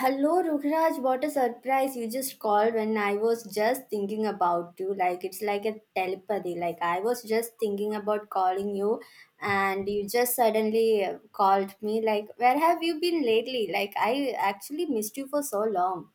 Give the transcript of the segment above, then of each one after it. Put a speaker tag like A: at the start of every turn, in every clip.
A: Hello, Rukhraj. What a surprise. You just called when I was just thinking about you. Like, it's like a telepathy. Like, I was just thinking about calling you, and you just suddenly called me. Like, where have you been lately? Like, I actually missed you for so long.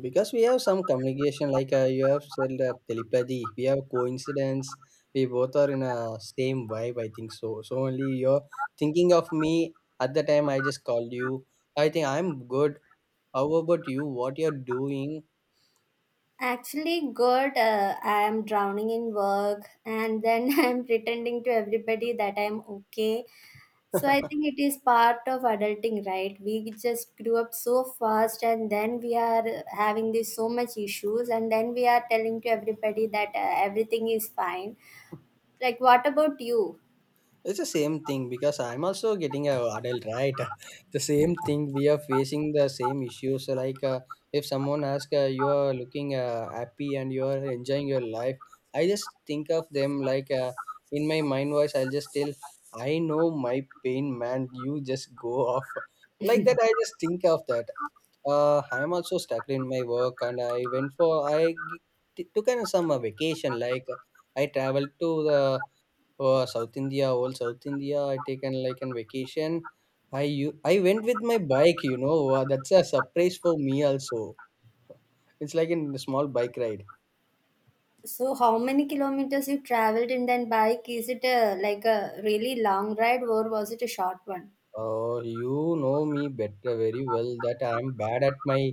B: Because we have some communication, like you have said telepathy. We have coincidence. We both are in a same vibe. I think so. So only you're thinking of me at the time I just called you. I think I'm good. How about you? What you're doing?
A: Actually, good. I am drowning in work, and then I'm pretending to everybody that I'm okay. So I think it is part of adulting, right? We just grew up so fast, and then we are having this so much issues, and then we are telling to everybody that everything is fine. Like, what about you?
B: It's the same thing because I'm also getting a adult, right? The same thing we are facing the same issues. So like if someone asks you are looking happy and you are enjoying your life, I just think of them like in my mind voice. I'll just tell, I know my pain, man. You just go off like that. I just think of that. I'm also stuck in my work, and I went for took an some vacation. Like I traveled to the South India, all South India. I taken like an vacation. I went with my bike. You know that's a surprise for me also. It's like a small bike ride.
A: So, how many kilometers you traveled in then bike? Is it a, like a really long ride, or was it a short one?
B: Oh, you know me better very well that I am bad at my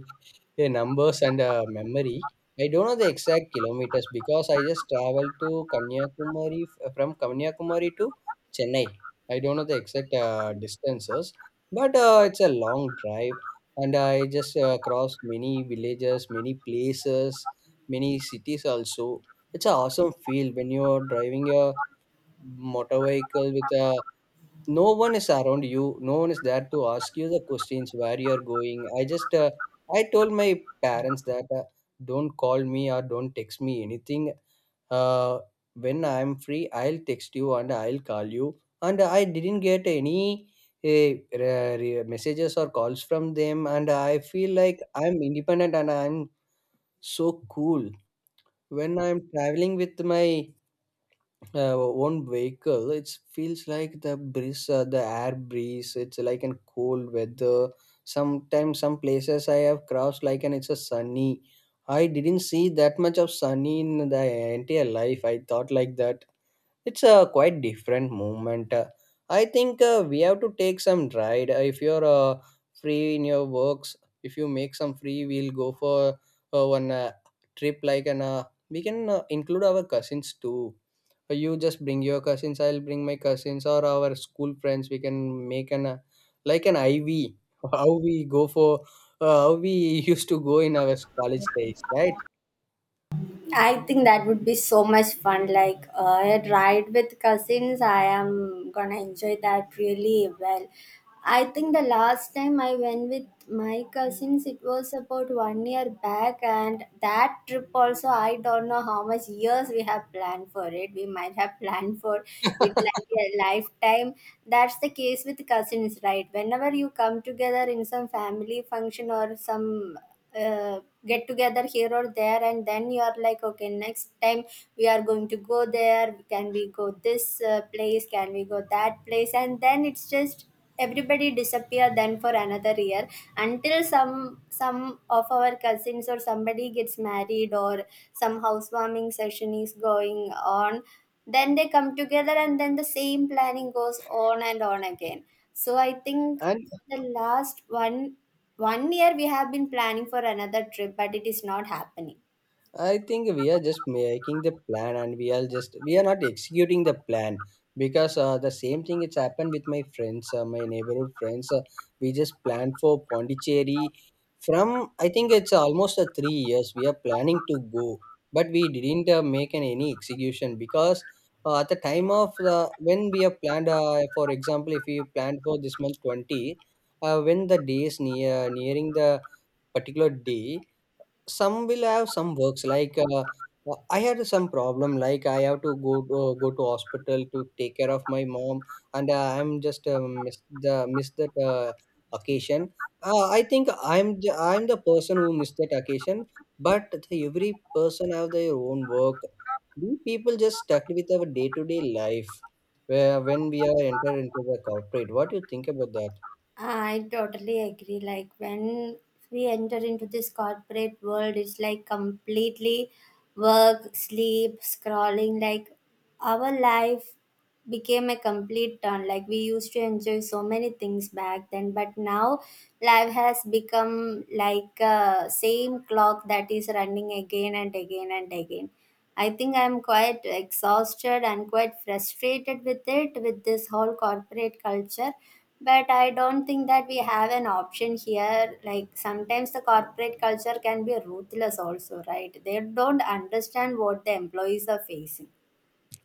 B: numbers and memory. I don't know the exact kilometers because I just traveled to Kanyakumari from Kanyakumari to Chennai. I don't know the exact distances, but it's a long drive, and I just crossed many villages, many places, many cities also. It's an awesome feel when you're driving your motor vehicle with a no one is around you, no one is there to ask you the questions where you're going. I just uh, i told my parents that don't call me or don't text me anything. uh, when I'm free, I'll text you and I'll call you, and I didn't get any uh, messages or calls from them, and I feel like I'm independent and I'm so cool when I'm traveling with my own vehicle. It feels like the breeze, the air breeze. It's like an cold weather. Sometimes some places I have crossed like, and it's a sunny. I didn't see that much of sunny in the entire life, I thought like that. It's a quite different moment. I think we have to take some ride. If you're free in your works, if you make some free, we'll go for one trip, like an we can include our cousins too. You just bring your cousins, I'll bring my cousins or our school friends. We can make an like an IV. How we go for how we used to go in our college days, right?
A: I think that would be so much fun. Like a ride with cousins, I am gonna enjoy that really well. I think the last time I went with my cousins, it was about 1 year back, and that trip also, I don't know how much years we have planned for it. We might have planned for it like a lifetime. That's the case with cousins, right? Whenever you come together in some family function or some uh, get together here or there, and then you are like, okay, next time we are going to go there. Can we go this place? Can we go that place? And then it's just everybody disappear then for another year until some of our cousins or somebody gets married or some housewarming session is going on, then they come together and then the same planning goes on and on again. So I think
B: And
A: the last one year we have been planning for another trip, but it is not happening.
B: I think we are just making the plan, and we are not executing the plan because the same thing it's happened with my friends, my neighborhood friends. We just planned for Pondicherry from I think it's almost 3 years. We are planning to go, but we didn't make an, any execution because at the time of the when we have planned, for example, if we planned for this month 20, when the day is nearing the particular day, some will have some works like I had some problem like I have to go to hospital to take care of my mom, and I'm just missed that occasion. I think I'm the person who missed that occasion, but every person have their own work. We people just stuck with our day-to-day life, where when we are enter into the corporate. What do you think about that?
A: I totally agree. Like when we enter into this corporate world, it's like completely work, sleep, scrolling. Like our life became a complete turn. Like we used to enjoy so many things back then, but now life has become like a same clock that is running again and again and again. I think I'm quite exhausted and quite frustrated with it, with this whole corporate culture. But I don't think that we have an option here. Like sometimes the corporate culture can be ruthless, also, right? They don't understand what the employees are facing.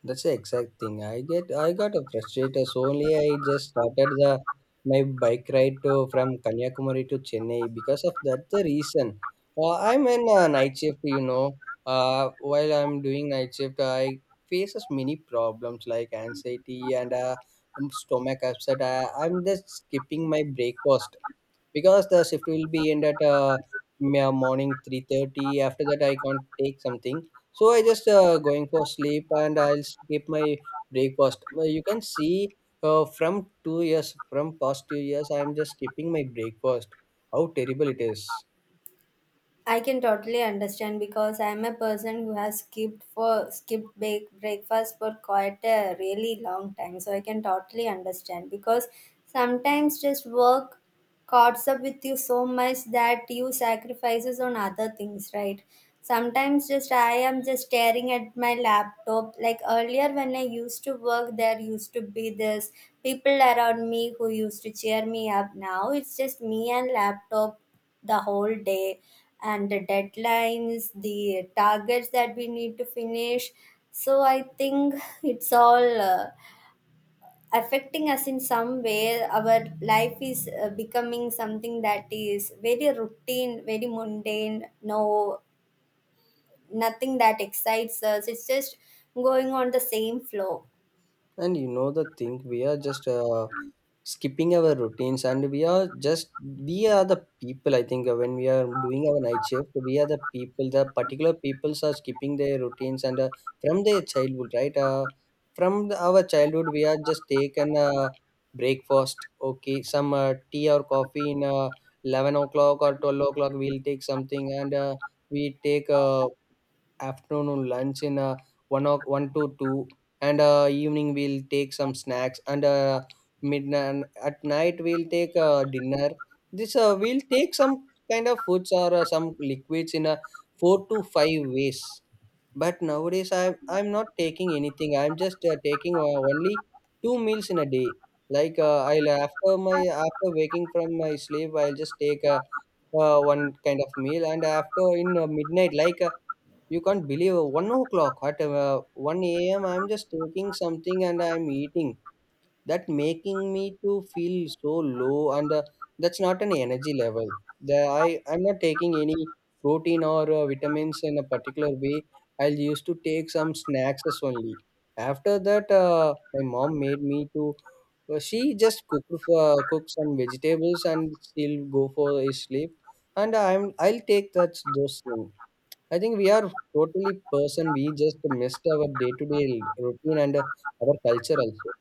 B: That's the exact thing. I got frustrated. So only I just started the my bike ride to from Kanyakumari to Chennai because of that the reason. I'm in a night shift. While I'm doing night shift, I faces many problems like anxiety and stomach upset. I'm just skipping my breakfast because the shift will be end at morning 3:30. After that, I can't take something, so I just going for sleep and I'll skip my breakfast. You can see, from past 2 years, I'm just skipping my breakfast. How terrible it is.
A: I can totally understand because I'm a person who has skipped for breakfast for quite a really long time. So I can totally understand because sometimes just work caught up with you so much that you sacrifices on other things, right? Sometimes just I am just staring at my laptop. Like earlier when I used to work, there used to be this people around me who used to cheer me up. Now it's just me and laptop the whole day and the deadlines, the targets that we need to finish. So I think it's all affecting us in some way. Our life is becoming something that is very routine, very mundane, no, nothing that excites us. It's just going on the same flow.
B: And you know the thing, we are just skipping our routines, and we are the people. I think when we are doing our night shift, we are the people. The particular peoples are skipping their routines, and from their childhood, right? From our childhood, we are just taken breakfast. Okay, some tea or coffee in 11 o'clock or 12 o'clock. We'll take something, and we take afternoon lunch in 1 o one to 2, and evening we'll take some snacks, and midnight at night we'll take dinner. This We'll take some kind of foods or some liquids in a four to five ways. But nowadays, I'm not taking anything. I'm just taking only two meals in a day. Like I'll after my after waking from my sleep, I'll just take a one kind of meal. And after in midnight, like you can't believe 1 o'clock at 1 a.m., I'm just taking something and I'm eating. That making me to feel so low, and that's not an energy level. The, I I'm not taking any protein or vitamins in a particular way. I used to take some snacks as only. After that, my mom made me to. She just cook some vegetables and still go for a sleep. And I'll take that those things. I think we are totally person. We just missed our day to day routine and our culture also.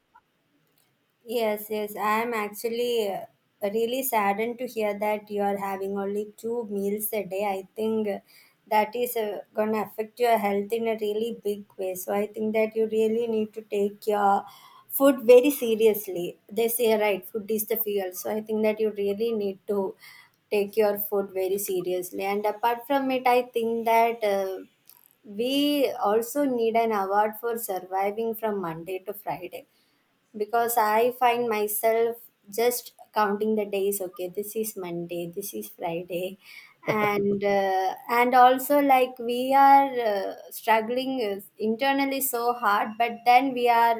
A: Yes, yes. I am actually really saddened to hear that you are having only two meals a day. I think that is going to affect your health in a really big way. So I think that you really need to take your food very seriously. They say, right, food is the fuel. So I think that you really need to take your food very seriously. And apart from it, I think that. We also need an award for surviving from Monday to Friday, because I find myself just counting the days. Okay, this is Monday, this is Friday, and also like we are struggling internally so hard, but then we are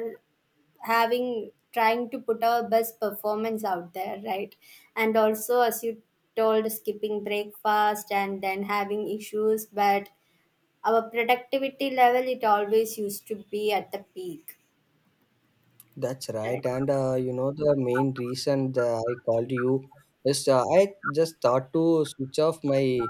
A: having trying to put our best performance out there, right? And also, as you told, skipping breakfast and then having issues, but our productivity level it always used to be at the peak.
B: That's
A: Right.
B: right. And you know, the main reason that I called you is I just thought to switch off my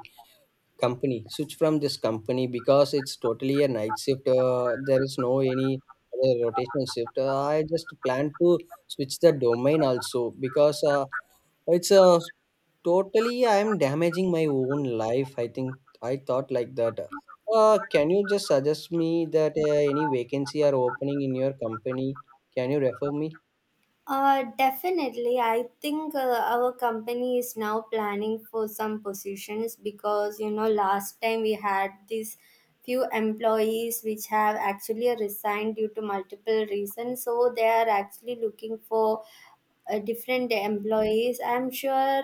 B: company, switch from this company because it's totally a night shift. There is no any other rotational shift. I just plan to switch the domain also because it's a totally, I am damaging my own life. I think I thought like that. Can you just suggest me that any vacancy are opening in your company? Can you refer me?
A: Definitely. I think our company is now planning for some positions, because you know last time we had these few employees which have actually resigned due to multiple reasons. So they are actually looking for different employees. I'm sure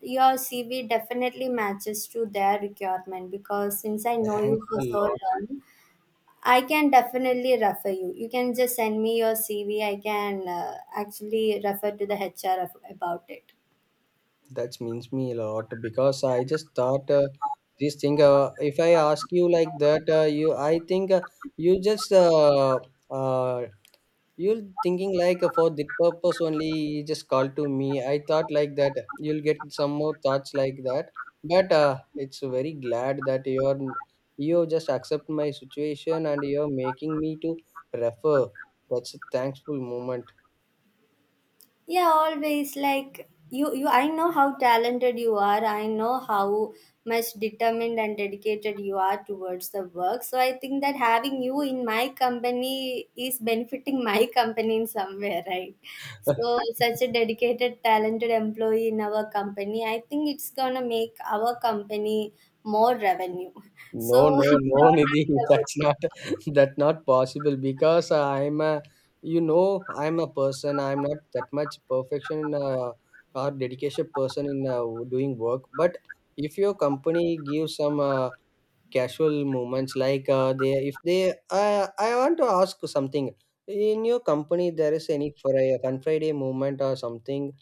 A: your CV definitely matches to their requirement, because since I know
B: Thanks
A: you
B: a
A: for so
B: lot.
A: long, I can definitely refer you. You can just send me your CV. I can actually refer to the HR about it.
B: That means me a lot because I just thought this thing. If I ask you like that, you I think you just uh, uh, You're thinking like for the purpose only you just call to me. I thought like that you'll get some more thoughts like that. But it's very glad that you just accept my situation and you're making me to refer. That's a thankful moment.
A: Yeah, always. Like you, I know how talented you are, I know how much determined and dedicated you are towards the work. So I think that having you in my company is benefiting my company in somewhere, right? So such a dedicated talented employee in our company, I think it's gonna make our company more revenue.
B: No,
A: So
B: no,
A: it's
B: no,
A: not
B: Nidhi,
A: only about you.
B: that's not possible because I'm a person. I'm not that much perfection or dedication person in doing work. But if your company gives some casual moments like they if they I want to ask something in your company. There is any for Friday movement or something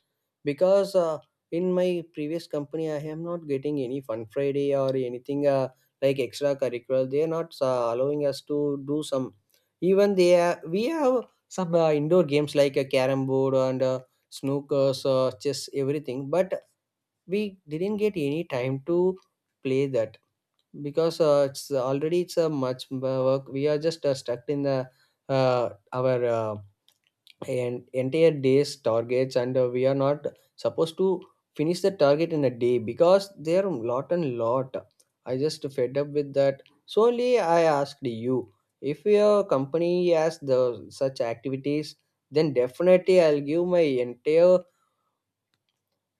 B: because in my previous company I am not getting any Fun Friday or anything, like extracurricular they are not allowing us to do some, even we have some indoor games like a carom board and snookers, chess, everything, but we didn't get any time to play that because it's already it's a much work. We are just stuck in the our entire day's targets, and we are not supposed to finish the target in a day because there are lot and lot. I just fed up with that, so only I asked you if your company has the such activities. Then definitely I'll give my entire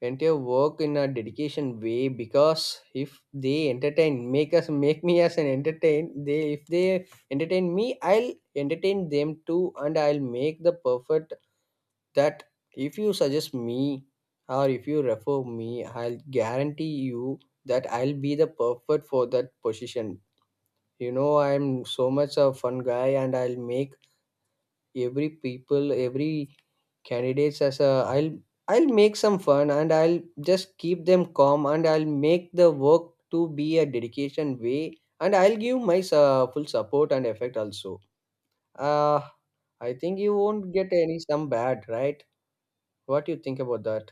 B: entire work in a dedication way. Because if they entertain, make us make me as an entertain, they if they entertain me, I'll entertain them too, and I'll make the perfect. That, if you suggest me or if you refer me, I'll guarantee you that I'll be the perfect for that position. You know I'm so much a fun guy, and I'll make every people every candidates as a I'll make some fun, and I'll just keep them calm, and I'll make the work to be a dedication way. And I'll give my full support and effect also. uh I think you won't get any some bad, right? What do you think about that?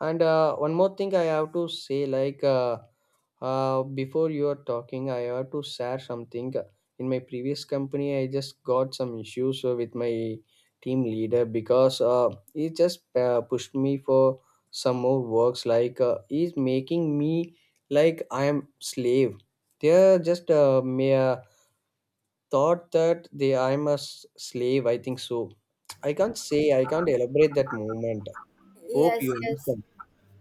B: And one more thing I have to say, like before you are talking, I have to share something. In my previous company, I just got some issues with my team leader because he just pushed me for some more works. Like he's making me like I am slave. They are just mere thought that they I am a slave. I think so. I can't say. I can't elaborate that moment. Hope
A: Yes,
B: you
A: yes.
B: understand.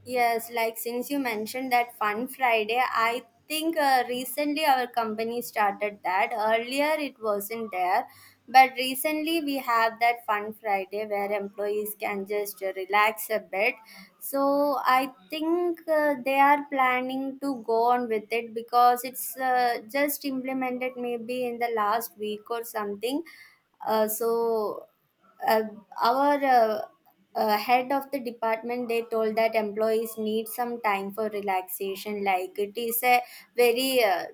A: Yes, like since you mentioned that Fun Friday, I think recently our company started that. Earlier it wasn't there, but recently we have that Fun Friday where employees can just relax a bit. So I think they are planning to go on with it because it's just implemented maybe in the last week or something. So, uh, our head of the department, they told that employees need some time for relaxation, like it is a very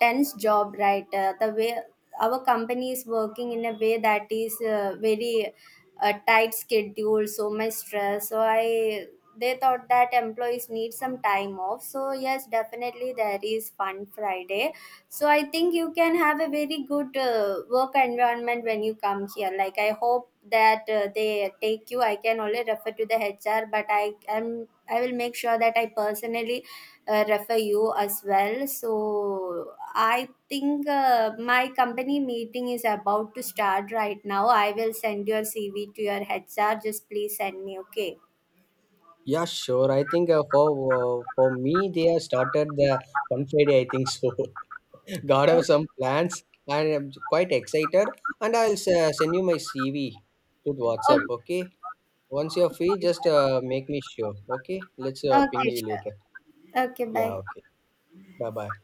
A: tense job, right? The way our company is working in a way that is very tight schedule, so much stress. So I they thought that employees need some time off. So yes, definitely there is Fun Friday. So I think you can have a very good work environment when you come here. Like I hope that they take you. I can only refer to the HR, but I will make sure that I personally refer you as well. So I think my company meeting is about to start right now. I will send your CV to your HR. Just please send me. Okay.
B: Yeah, sure. I think for me, they have started the on Friday. I think so. God have some plans. I am quite excited, and I'll send you my CV to the
A: Okay.
B: WhatsApp. Okay. Once you're free, just make me sure. Okay. Let's ping
A: Okay.
B: you later.
A: Sure. Okay.
B: Yeah.
A: Bye.
B: Okay. Bye bye.